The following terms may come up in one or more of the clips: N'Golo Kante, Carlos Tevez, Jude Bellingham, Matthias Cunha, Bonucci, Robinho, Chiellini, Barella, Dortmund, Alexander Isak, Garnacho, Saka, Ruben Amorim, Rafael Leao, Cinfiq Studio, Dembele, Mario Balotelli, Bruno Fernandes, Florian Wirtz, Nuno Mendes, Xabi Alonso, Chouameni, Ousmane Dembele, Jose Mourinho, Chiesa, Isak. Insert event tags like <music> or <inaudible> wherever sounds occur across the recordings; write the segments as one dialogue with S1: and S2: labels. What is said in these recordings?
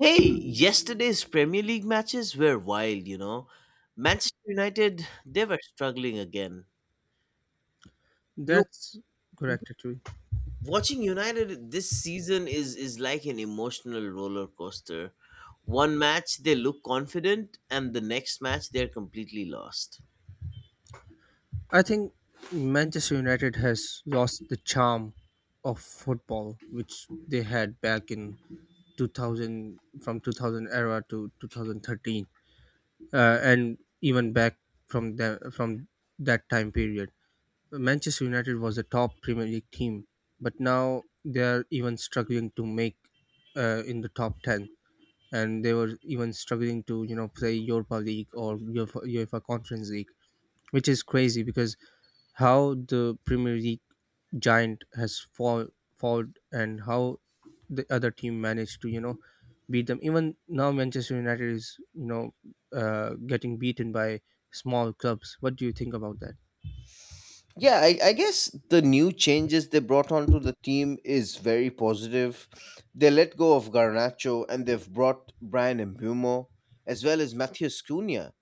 S1: Hey, yesterday's Premier League matches were wild. Manchester United, they were struggling again. You know,
S2: That's correct, actually.
S1: watching United this season is like an emotional roller coaster. One match they look confident and the next match they're completely lost.
S2: I think Manchester United has lost the charm of football, which they had back in 2000, from 2000 era to 2013, and even back from that time period. Manchester United was a top Premier League team, but now they are even struggling to make in the top 10, and they were even struggling to play europa league or UEFA conference league, which is crazy because how the Premier League giant has fallen, and how the other team managed to beat them. Even now, Manchester United is getting beaten by small clubs. What do you think about that?
S1: Yeah, I guess the new changes they brought onto the team is very positive. They let go of Garnacho and they've brought Brian Mbumo as well as Matthias Cunha,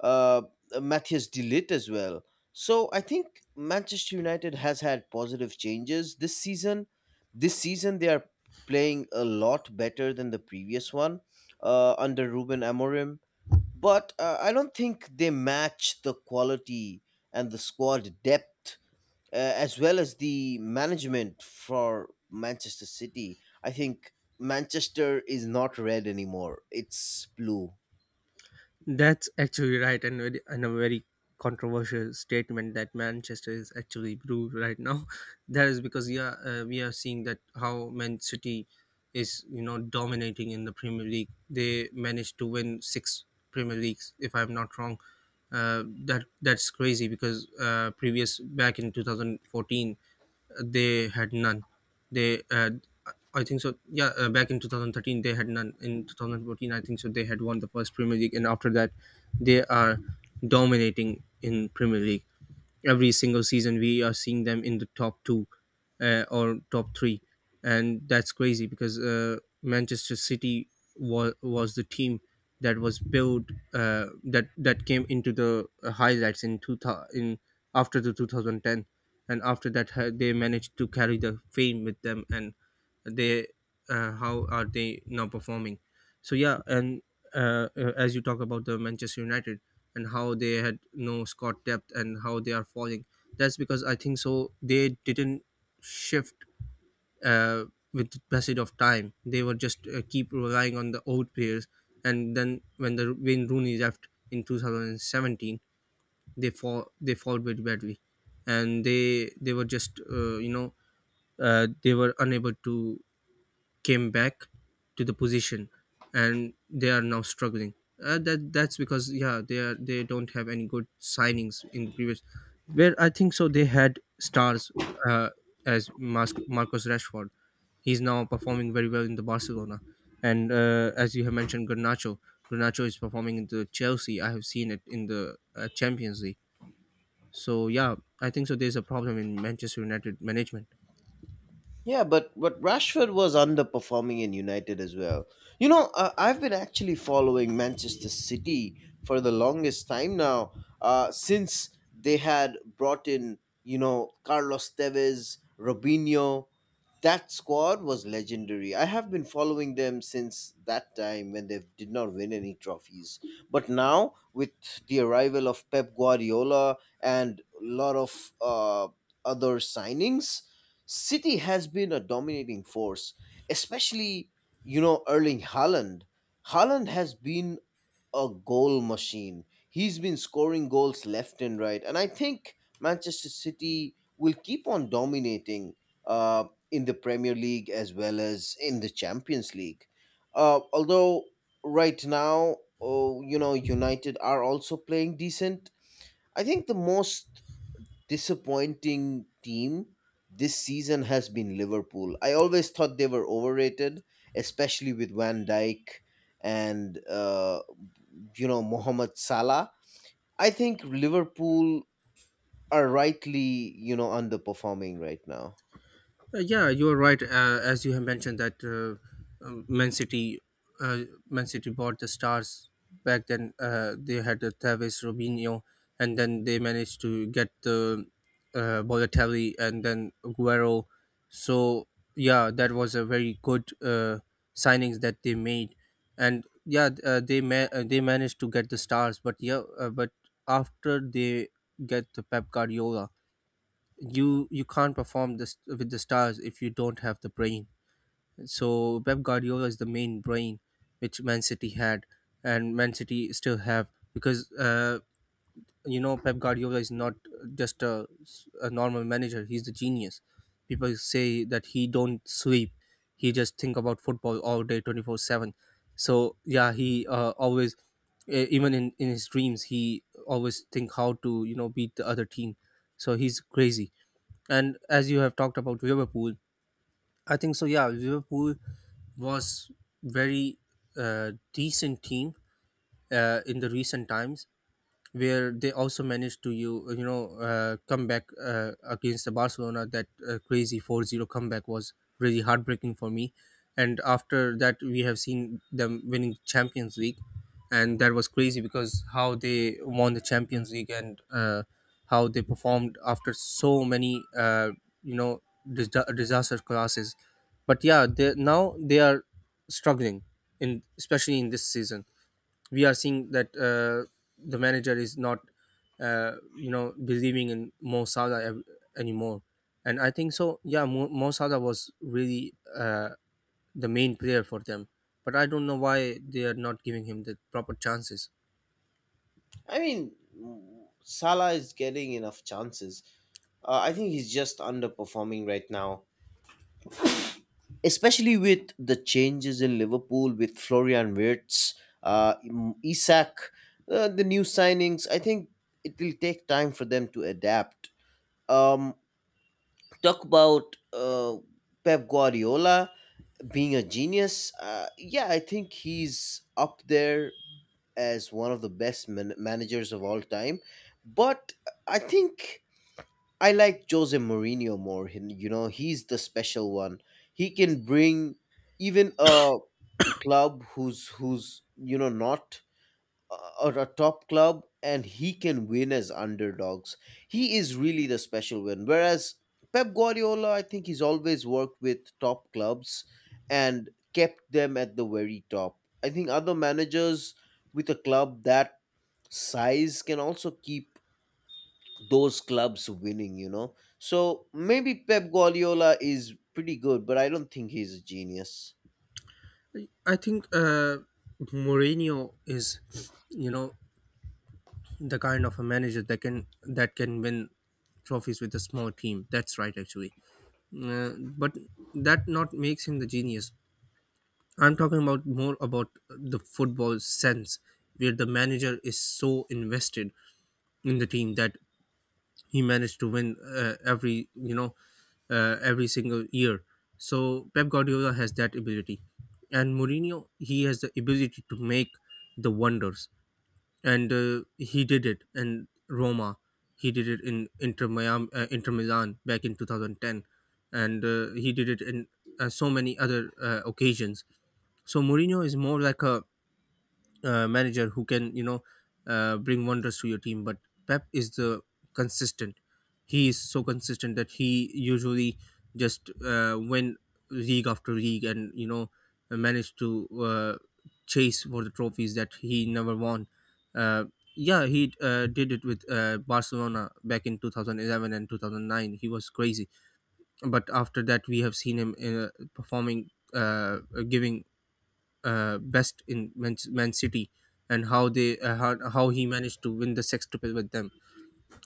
S1: uh, Matthias Delit as well. So I think Manchester United has had positive changes this season. This season they are playing a lot better than the previous one under Ruben Amorim, but I don't think they match the quality and the squad depth as well as the management for Manchester City. I think Manchester is not red anymore; it's blue.
S2: That's actually right, and a very controversial statement that Manchester is actually blue right now. <laughs> That is because yeah, we are seeing that how Man City is dominating in the Premier League. They managed to win six Premier Leagues, if I'm not wrong. That's crazy because previous back in 2014 they had none. They had, I think so. Yeah, back in 2013 they had none. In 2014, I think so, they had won the first Premier League, and after that, they are dominating in Premier League. Every single season, we are seeing them in the top two or top three, and that's crazy because Manchester City was the team that was built, that came into the highlights in 2000 in after the 2010, and after that they managed to carry the fame with them, and they how are they now performing. So yeah, and as you talk about the Manchester United and how they had no squad depth and how they are falling, that's because I think so they didn't shift uh, with the passage of time. They were just keep relying on the old players, and then when Rooney left in 2017, they fall very badly, and they were just they were unable to came back to the position, and they are now struggling. That's because yeah, they don't have any good signings in the previous, where I think so they had stars uh, as marcus rashford. He's now performing very well in the barcelona, and as you have mentioned garnacho is performing in the chelsea. I have seen it in the champions league. So yeah, I think so there's a problem in manchester united management.
S1: Yeah, but Rashford was underperforming in United as well. I've been actually following Manchester City for the longest time now, since they had brought in Carlos Tevez, Robinho. That squad was legendary. I have been following them since that time when they did not win any trophies. But now, with the arrival of Pep Guardiola and a lot of other signings, City has been a dominating force, especially, Erling Haaland. Haaland has been a goal machine. He's been scoring goals left and right. And I think Manchester City will keep on dominating uh, in the Premier League as well as in the Champions League. Although, right now, oh, United are also playing decent. I think the most disappointing team this season has been Liverpool. I always thought they were overrated, especially with Van Dijk and Mohamed Salah. I think Liverpool are rightly underperforming right now.
S2: Yeah, you're right. As you have mentioned that Man City, uh, Man City bought the stars back then. They had the Tevez, Robinho, and then they managed to get the Balotelli and then Aguero. So yeah, that was a very good signings that they made, and yeah, they managed to get the stars. But yeah, but after they get the Pep Guardiola, you can't perform this with the stars if you don't have the brain. So Pep Guardiola is the main brain which Man City had and Man City still have, because you know Pep Guardiola is not just a normal manager. He's the genius. People say that he don't sleep. He just think about football all day, 24/7. So yeah, he always even in his dreams he always think how to beat the other team. So he's crazy, and as you have talked about Liverpool, I think so. Yeah, Liverpool was very decent team in the recent times, where they also managed to come back against the Barcelona. That crazy 4-0 comeback was really heartbreaking for me. And after that, we have seen them winning Champions League, and that was crazy because how they won the Champions League, and how they performed after so many you know dis- disaster classes. But yeah, they now they are struggling, in especially in this season. We are seeing that the manager is not believing in Mo Salah anymore, and I think so yeah, Mo Salah was really the main player for them, but I don't know why they are not giving him the proper chances.
S1: I mean, Salah is getting enough chances. I think he's just underperforming right now, especially with the changes in Liverpool with Florian Wirtz, Isak, the new signings. I think it will take time for them to adapt. Um, talk about Pep Guardiola being a genius. Yeah, I think he's up there as one of the best managers of all time. But I think I like Jose Mourinho more. He's the special one. He can bring even a club who's not, or a top club, and he can win as underdogs. He is really the special win, whereas Pep Guardiola, I think, he's always worked with top clubs and kept them at the very top. I think other managers with a club that size can also keep those clubs winning. So maybe Pep Guardiola is pretty good, but I don't think he's a genius.
S2: I think Mourinho is you know the kind of a manager that can win trophies with a small team. That's right, actually, uh, but that not makes him the genius. I'm talking about more about the football sense, where the manager is so invested in the team that he managed to win every you know every single year. So Pep Guardiola has that ability, and Mourinho, he has the ability to make the wonders, and he did it in Roma. He did it in Inter Miami, Inter Milan back in 2010, and he did it in so many other occasions. So Mourinho is more like a manager who can bring wonders to your team, but pep is the consistent. He is so consistent that he usually just win league after league, and managed to chase for the trophies that he never won. uh, yeah, he did it with barcelona back in 2011, and 2009 he was crazy. But after that we have seen him performing giving best in Man City, and how he managed to win the sextuple with them.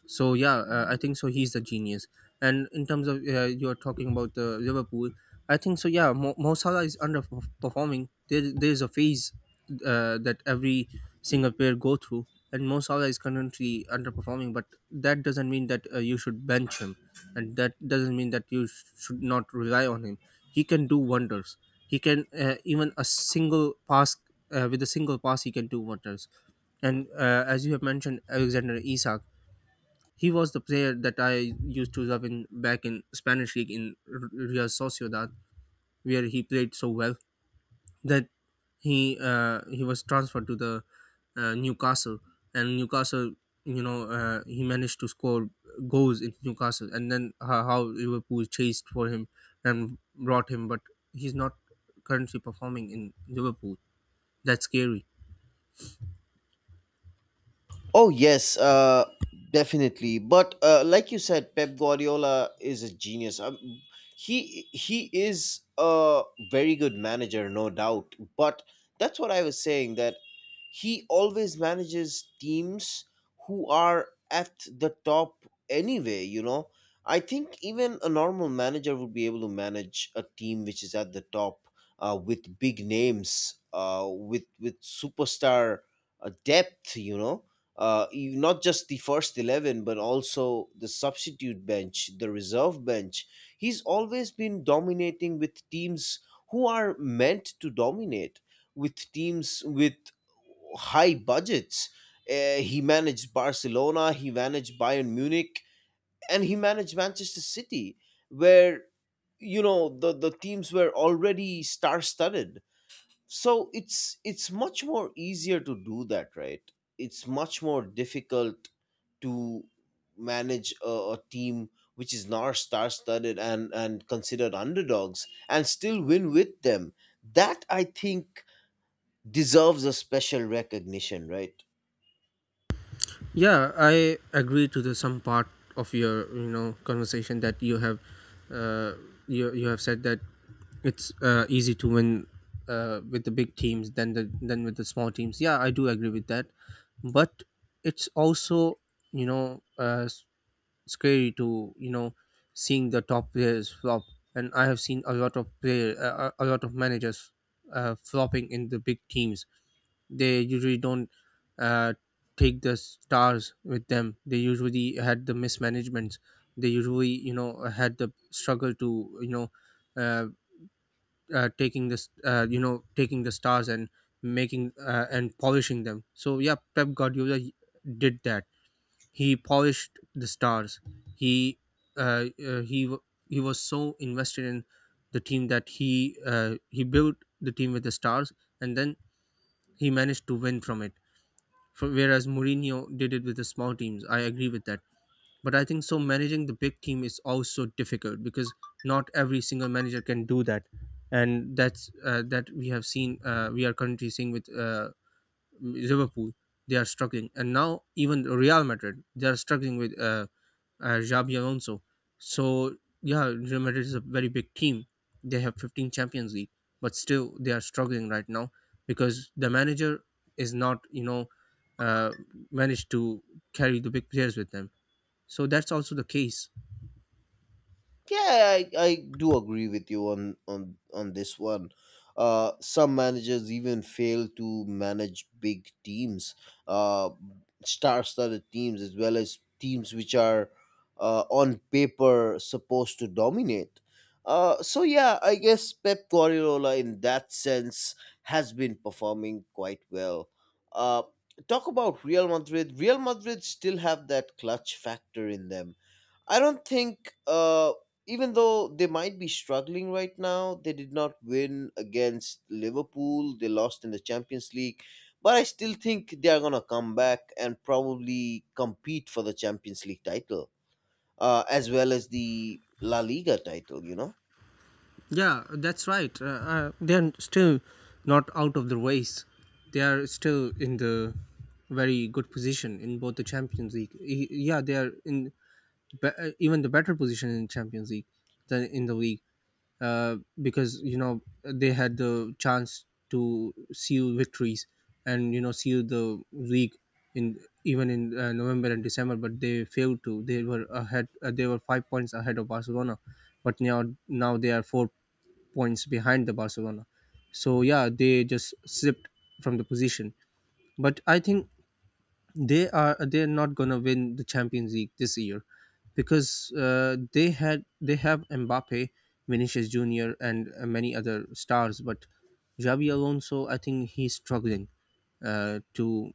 S2: So yeah, I think so, he's the genius. And in terms of you're talking about the Liverpool, I think so. Yeah, Mo Salah is underperforming. There's a phase that every single player go through, and Mo Salah is currently underperforming. But that doesn't mean that you should bench him, and that doesn't mean that you should not rely on him. He can do wonders. He can even a single pass with a single pass he can do wonders. And as you have mentioned, Alexander Isak, he was the player that I used to love in back in Spanish league in Real Sociedad, where he played so well that he was transferred to the Newcastle, and Newcastle, you know, he managed to score goals in Newcastle, and then how Liverpool chased for him and brought him, but he's not currently performing in Liverpool. That's scary.
S1: Oh yes, definitely. But like you said, Pep Guardiola is a genius. He is a very good manager, no doubt. But that's what I was saying, that he always manages teams who are at the top anyway. I think even a normal manager would be able to manage a team which is at the top with big names, with superstar depth. Not just the first 11, but also the substitute bench, the reserve bench. He's always been dominating with teams who are meant to dominate, with teams with high budgets. He managed Barcelona, he managed Bayern Munich, and he managed Manchester City, where the teams were already star studded, so it's much more easier to do that, right? It's much more difficult to manage a team which is not star studded and considered underdogs, and still win with them. That, I think, deserves a special recognition, right?
S2: Yeah, I agree to the some part of your conversation that you have. uh, you have said that it's easy to win with the big teams than with the small teams. Yeah, I do agree with that, but it's also you know uh, s- scary to seeing the top players flop, and I have seen a lot of player a lot of managers flopping in the big teams. They usually don't uh, take the stars with them. They usually had the mismanagements. They usually had the struggle to you know uh, taking this you know taking the stars and making and polishing them. So yeah, pep guardiola did that. He polished the stars. he uh, uh, he w- he was so invested in the team that he built the team with the stars, and then he managed to win from it. Whereas Mourinho did it with the small teams, I agree with that, but I think so managing the big team is also difficult, because not every single manager can do that, and that's that we have seen we are currently seeing with Liverpool, they are struggling, and now even Real Madrid, they are struggling with Xabi Alonso. So yeah, Real Madrid is a very big team. They have 15 Champions League, but still they are struggling right now because the manager is not uh, managed to carry the big players with them. So that's also the case.
S1: Yeah, I do agree with you on this one. Some managers even fail to manage big teams, uh, star-studded teams, as well as teams which are on paper supposed to dominate. So yeah, I guess Pep Guardiola in that sense has been performing quite well. Uh, talk about Real Madrid. Real Madrid still have that clutch factor in them. I don't think, even though they might be struggling right now, they did not win against Liverpool. They lost in the Champions League. But I still think they are going to come back and probably compete for the Champions League title, as well as the La Liga title, you know?
S2: Yeah, that's right. They're still not out of the race. They are still in the very good position in both the Champions League. Yeah, they are in even the better position in Champions League than in the league, because you know they had the chance to seal victories and you know seal the league in even in November and December, but they failed to. They were ahead. They were 5 points ahead of Barcelona, but now they are 4 points behind the Barcelona. So yeah, they just slipped from the position. But I think they are they're not gonna win the Champions League this year, because they have Mbappe, Vinicius Junior, and many other stars. But Xabi Alonso, I think he's struggling to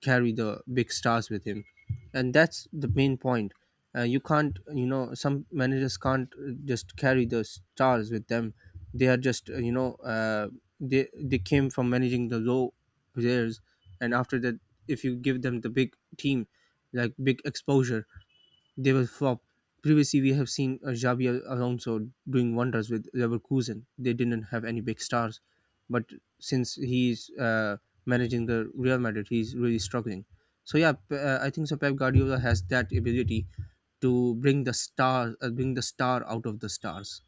S2: carry the big stars with him, and that's the main point. You can't, you know, some managers can't just carry the stars with them. They are just they came from managing the low players, and after that, if you give them the big team, like big exposure, they were flop. Previously, we have seen Alonso doing wonders with Leverkusen. They didn't have any big stars, but since he's managing the Real Madrid, he's really struggling. So yeah, I think so. Pep Guardiola has that ability to bring the star out of the stars.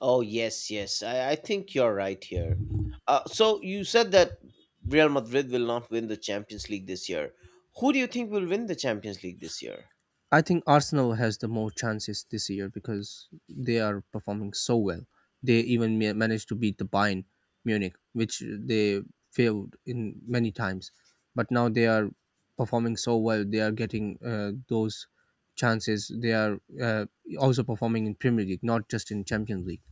S1: Oh, yes, yes. I think you're right here. So you said that Real Madrid will not win the Champions League this year. Who do you think will win the Champions League this year?
S2: I think Arsenal has the more chances this year because they are performing so well. They even managed to beat the Bayern Munich, which they failed in many times. But now they are performing so well. They are getting those chances. They are also performing in Premier League, not just in Champions League.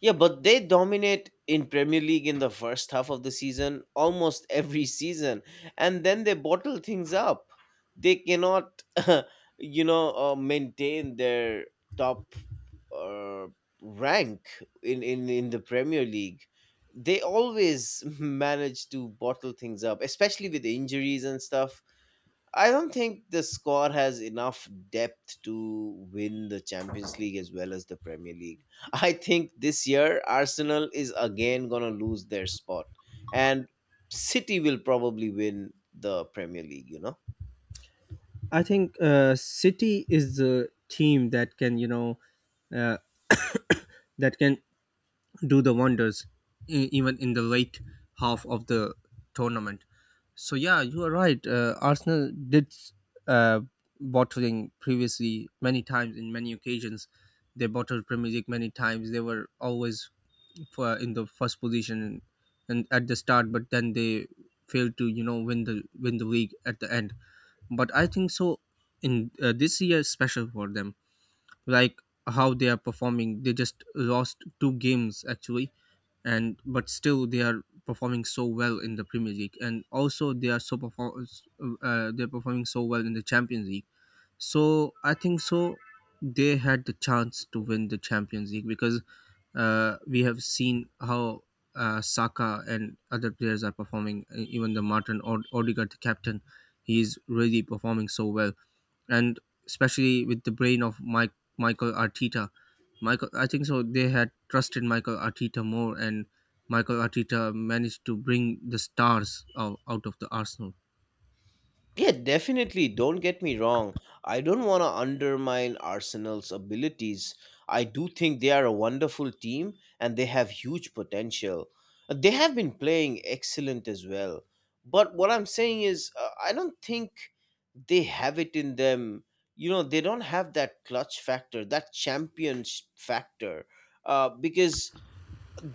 S1: Yeah, but they dominate in Premier League in the first half of the season, almost <laughs> every season, and then they bottle things up. They cannot, <laughs> maintain their top uh, rank in the Premier League. They always <laughs> manage to bottle things up, especially with injuries and stuff. I don't think the squad has enough depth to win the Champions League as well as the Premier League. <laughs> I think this year Arsenal is again going to lose their spot, and City will probably win the Premier League.
S2: I think City is the team that can, you know, uh, that can do the wonders even in the late half of the tournament. So yeah, you are right. Arsenal did uh, bottling previously many times in many occasions. They bottled Premier League many times. They were always for in the first position and at the start, but then they failed to, you know, win the league at the end. But I think so, in this year is special for them, like how they are performing. They just lost two games actually, and but still they are performing so well in the Premier League, and also they are so perform they're performing so well in the Champions League. So I think so they had the chance to win the Champions League because we have seen how Saka and other players are performing. Even the Martin Odegaard, the captain, he is really performing so well, and especially with the brain of Mike Michael Arteta. Michael, I think so. They had trusted Michael Arteta more, and Michael Arteta managed to bring the stars out, out of the Arsenal.
S1: Yeah, definitely. Don't get me wrong. I don't want to undermine Arsenal's abilities. I do think they are a wonderful team, and they have huge potential. They have been playing excellent as well. But what I'm saying is, I don't think they have it in them. They don't have that clutch factor, that champions factor. Because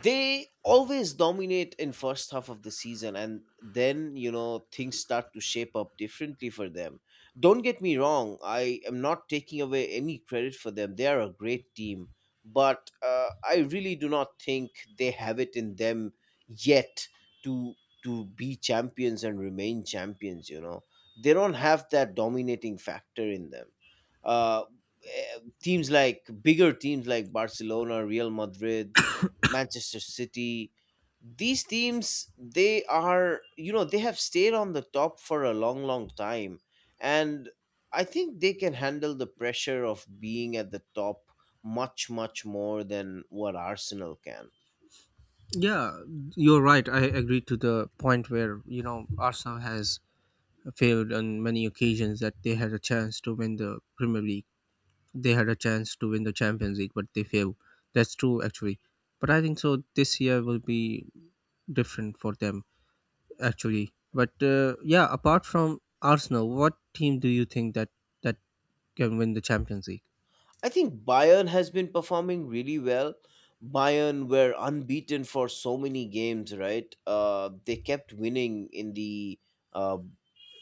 S1: they always dominate in first half of the season, and then things start to shape up differently for them. Don't get me wrong, I am not taking away any credit for them. They are a great team. But I really do not think they have it in them yet, to be champions and remain champions. They don't have that dominating factor in them. Uh, eh, teams like Bigger teams like Barcelona, Real Madrid, Manchester City. These teams, they are, they have stayed on the top for a long, long time. And I think they can handle the pressure of being at the top much, much more than what Arsenal can.
S2: Yeah, you're right. I agree to the point where, you know, Arsenal has failed on many occasions that they had a chance to win the Premier League. They had a chance to win the Champions League, but they failed. That's true, actually. But I think so. This year will be different for them. Actually. But yeah, apart from Arsenal, what team do you think that can win the Champions League?
S1: I think Bayern has been performing really well. Bayern were unbeaten for so many games, right? They kept winning uh,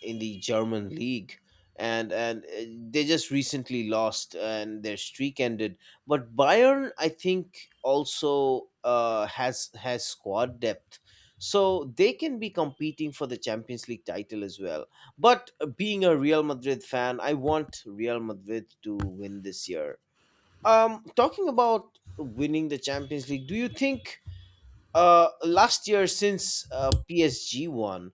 S1: in the German league, and they just recently lost, and their streak ended. But Bayern, I think, also has squad depth, so they can be competing for the Champions League title as well. But being a Real Madrid fan, I want Real Madrid to win this year. Talking about winning the Champions League, do you think last year since PSG won,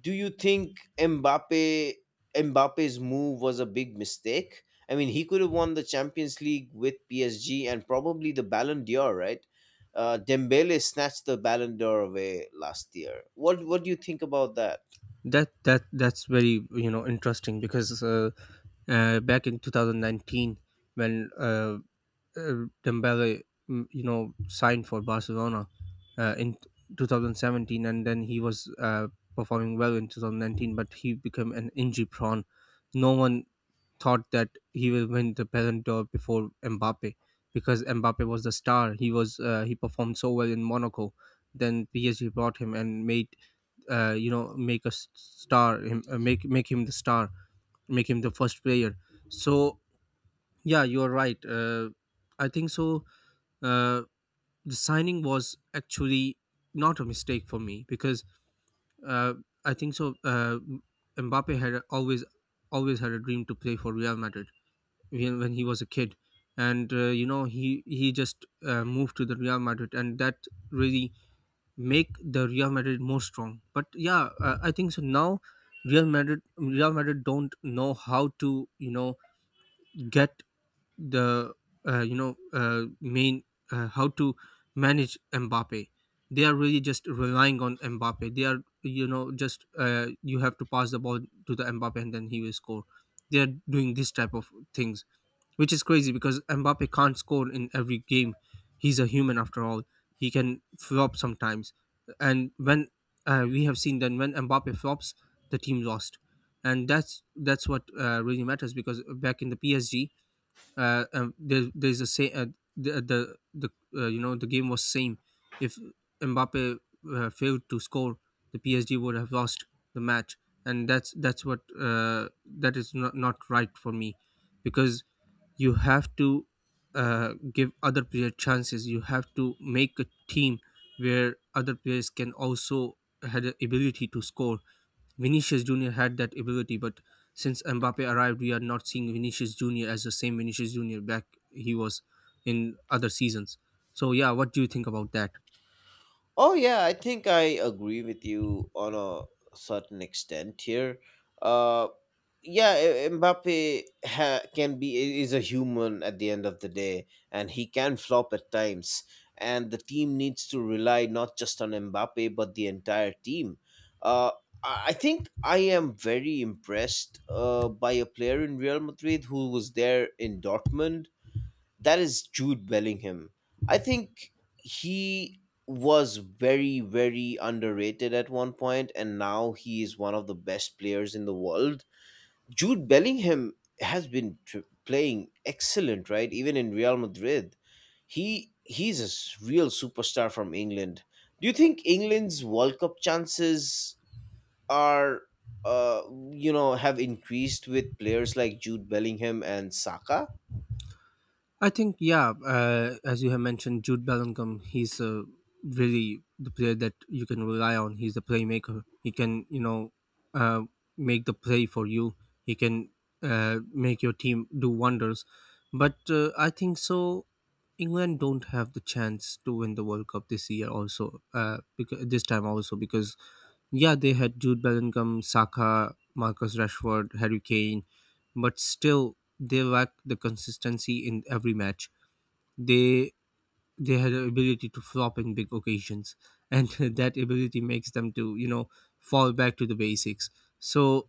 S1: do you think Mbappe's move was a big mistake? I mean, he could have won the Champions League with PSG and probably the Ballon d'Or, right? Dembele snatched the Ballon d'Or away last year. What do you think about that?
S2: That's very, you know, interesting because back in 2019 when Dembele, you know, signed for Barcelona in 2017, and then he was performing well in 2019, but he became an injury prone. No one thought that he will win the Ballon d'Or before Mbappe because Mbappe was the star. He was he performed so well in Monaco. Then PSG brought him and made make him the star, make him the first player. So yeah, you are right. I think so, uh, the signing was actually not a mistake for me because uh, I think so. Mbappe had always had a dream to play for Real Madrid when he was a kid, and you know, he just moved to the Real Madrid, and that really make the Real Madrid more strong. But yeah, I think so now. Real Madrid don't know how to, you know, get the main how to manage Mbappe. They are really just relying on Mbappe. They are, you know, just you have to pass the ball to the Mbappe, and then he will score. They are doing this type of things, which is crazy because Mbappe can't score in every game. He's a human after all. He can flop sometimes, and when we have seen that when Mbappe flops, the team lost, and that's what really matters because back in the PSG, there's a say the you know, the game was same. If Mbappe failed to score, the PSG would have lost the match, and that's what that is not right for me, because you have to give other players chances. You have to make a team where other players can also had the ability to score. Vinicius Jr. had that ability, but since Mbappe arrived, we are not seeing Vinicius Jr. as the same Vinicius Jr. back he was in other seasons. So, yeah, what do you think about that?
S1: Oh yeah, I think I agree with you on a certain extent here. Uh, yeah, Mbappe is a human at the end of the day, and he can flop at times. And the team needs to rely not just on Mbappe but the entire team. Uh, I think I am very impressed by a player in Real Madrid who was there in Dortmund, that is Jude Bellingham. I think he was very, very underrated at one point, and now he is one of the best players in the world. Jude Bellingham has been playing excellent, right? Even in Real Madrid, he's a real superstar from England. Do you think England's World Cup chances are, uh, have increased with players like Jude Bellingham and Saka?
S2: I think, yeah, as you have mentioned, Jude Bellingham, he's really the player that you can rely on. He's the playmaker. He can, you know, uh, make the play for you. He can make your team do wonders. But I think so. England don't have the chance to win the World Cup this year, also because this time also because yeah, they had Jude Bellingham, Saka, Marcus Rashford, Harry Kane, but still they lacked the consistency in every match. They they had the ability to flop in big occasions, and <laughs> that ability makes them to, you know, fall back to the basics. So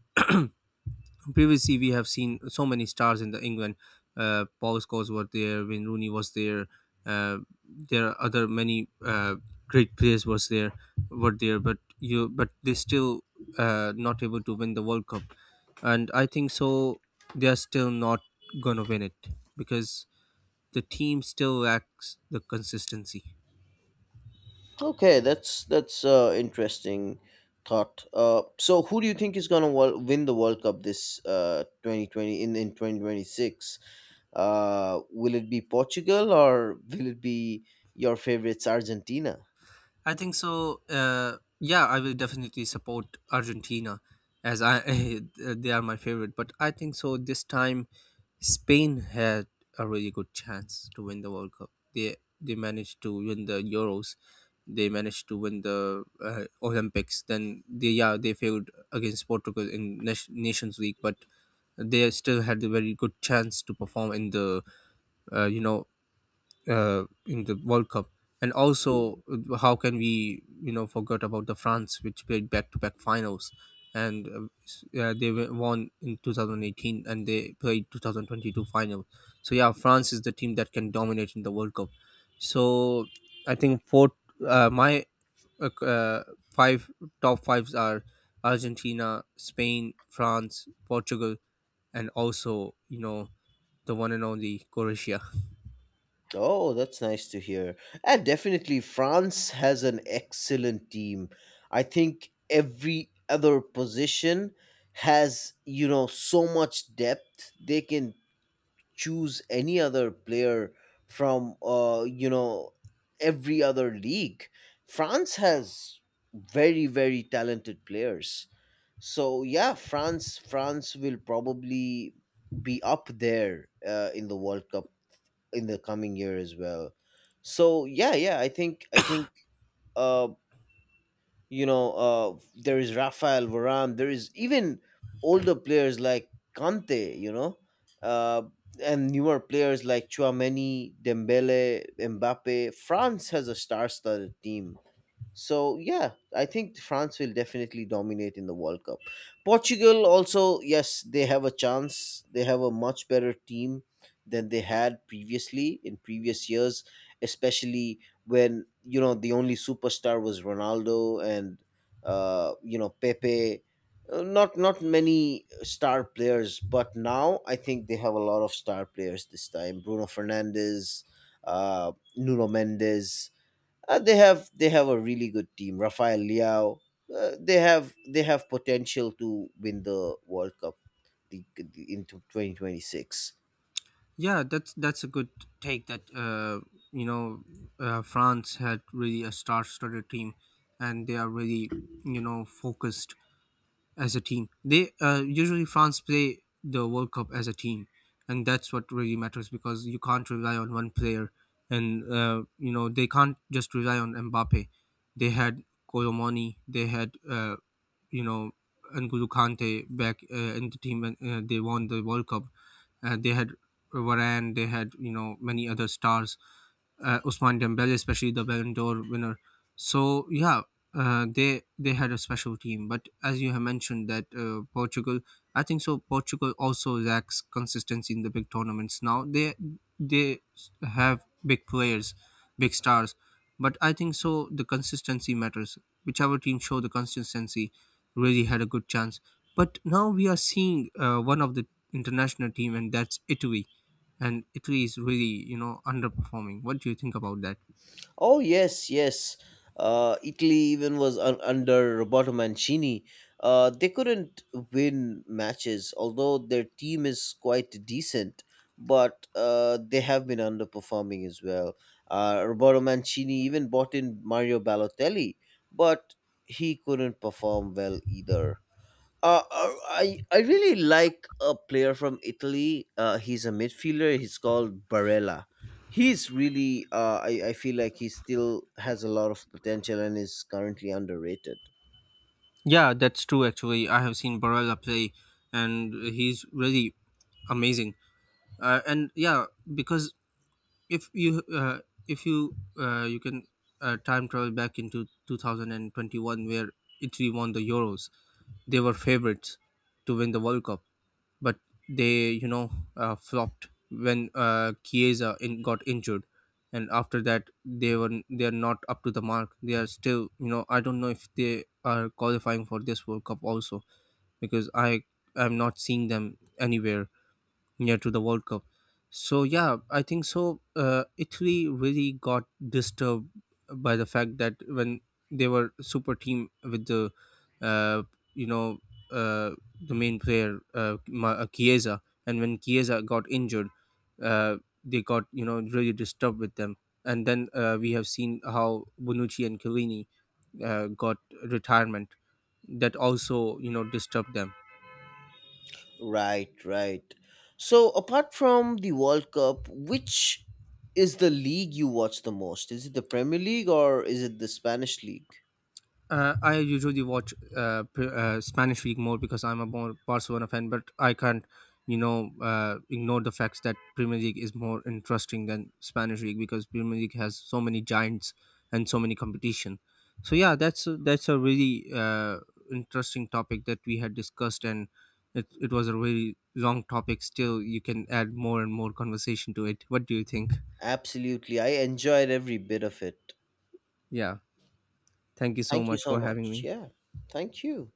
S2: previously we have seen so many stars in the England. Paul Scholes were there, Wayne Rooney was there. Uh, there are other many great players was there, were there, but you but they still not able to win the World Cup, and I think so they are still not gonna win it because the team still lacks the consistency.
S1: Okay, that's interesting thought. So who do you think is gonna win the World Cup this 2020, in 2026? Will it be Portugal, or will it be your favorites Argentina?
S2: I think so. Yeah, I will definitely support Argentina as I <laughs> they are my favorite. But I think so. This time, Spain had a really good chance to win the World Cup. They managed to win the Euros. They managed to win the Olympics. Then they yeah they failed against Portugal in Nations League, but they still had a very good chance to perform in the uh, you know in the World Cup, and also how can we, you know, forget about the France, which played back to back finals, and they won in 2018 and they played 2022 final. So yeah, France is the team that can dominate in the World Cup. So I think four uh, my uh, c- uh, five top fives are Argentina, Spain, France, Portugal, and also, you know, the one and only Croatia.
S1: Oh, that's nice to hear. And definitely France has an excellent team. I think every other position has, so much depth. They can choose any other player from every other league. France has very, very talented players. So yeah, France will probably be up there in the World Cup in the coming year as well. So yeah, yeah, I think uh there is Rafael Varane, there is even older players like Kante, uh, and newer players like Chouameni, Dembele, Mbappe. France has a star-studded team. So yeah, I think France will definitely dominate in the World Cup. Portugal also, yes, they have a chance. They have a much better team than they had previously in previous years, especially when the only superstar was Ronaldo and Pepe. Not many star players, but now I think they have a lot of star players this time. Bruno Fernandes, Nuno Mendes, they have a really good team. Rafael Leao. They have potential to win the World Cup into 2026.
S2: Yeah, that's a good take. That you know, France had really a star-studded team, and they are really, you know, focused as a team. They usually France play the World Cup as a team, and that's what really matters because you can't rely on one player, and you know, they can't just rely on Mbappe. They had Colomoni, they had you know, N'Golo Kante back in the team when they won the World Cup. They had Varane, they had, you know, many other stars, Ousmane Dembele, especially the Ballon d'Or winner. So yeah, they had a special team. But as you have mentioned that Portugal, I think so. Portugal also lacks consistency in the big tournaments. Now they they have big players, big stars, but I think so. The consistency matters. Whichever team show the consistency, really had a good chance. But now we are seeing one of the international team, and that's Italy, and Italy is really, you know, underperforming. What do you think about that?
S1: Oh yes, yes. Italy even was under Roberto Mancini. They couldn't win matches, although their team is quite decent. But they have been underperforming as well. Roberto Mancini even bought in Mario Balotelli, but he couldn't perform well either. I really like a player from Italy. He's a midfielder. He's called Barella. He's really. I feel like he still has a lot of potential and is currently underrated.
S2: Yeah, that's true. Actually, I have seen Barella play, and he's really amazing. And yeah, because if you uh, if you you can time travel back into 2021, where Italy won the Euros, they were favorites to win the World Cup, but they, you know, flopped when Chiesa in, got injured, and after that they were they are not up to the mark. They are still, you know, I don't know if they are qualifying for this World Cup also because I'm not seeing them anywhere yeah to the World Cup. So yeah, I think so, Italy really got disturbed by the fact that when they were super team with the uh, you know uh, the main player Chiesa, and when Chiesa got injured, uh, they got, you know, really disturbed with them, and then we have seen how Bonucci and Chiellini got retirement. That also, you know, disturbed them.
S1: Right, right. So apart from the World Cup, which is the league you watch the most? Is it the Premier League or is it the Spanish league?
S2: I usually watch Spanish league more because I'm a more Barcelona fan, but I can't, you know, ignore the facts that Premier League is more interesting than Spanish league because Premier League has so many giants and so many competition. So yeah, that's a really interesting topic that we had discussed, and it was a really long topic. Still, you can add more and more conversation to it. What do you think?
S1: Absolutely, I enjoyed every bit of it.
S2: Yeah, thank you so
S1: Thank you
S2: much
S1: so
S2: for having
S1: much.
S2: me.
S1: Yeah, thank you.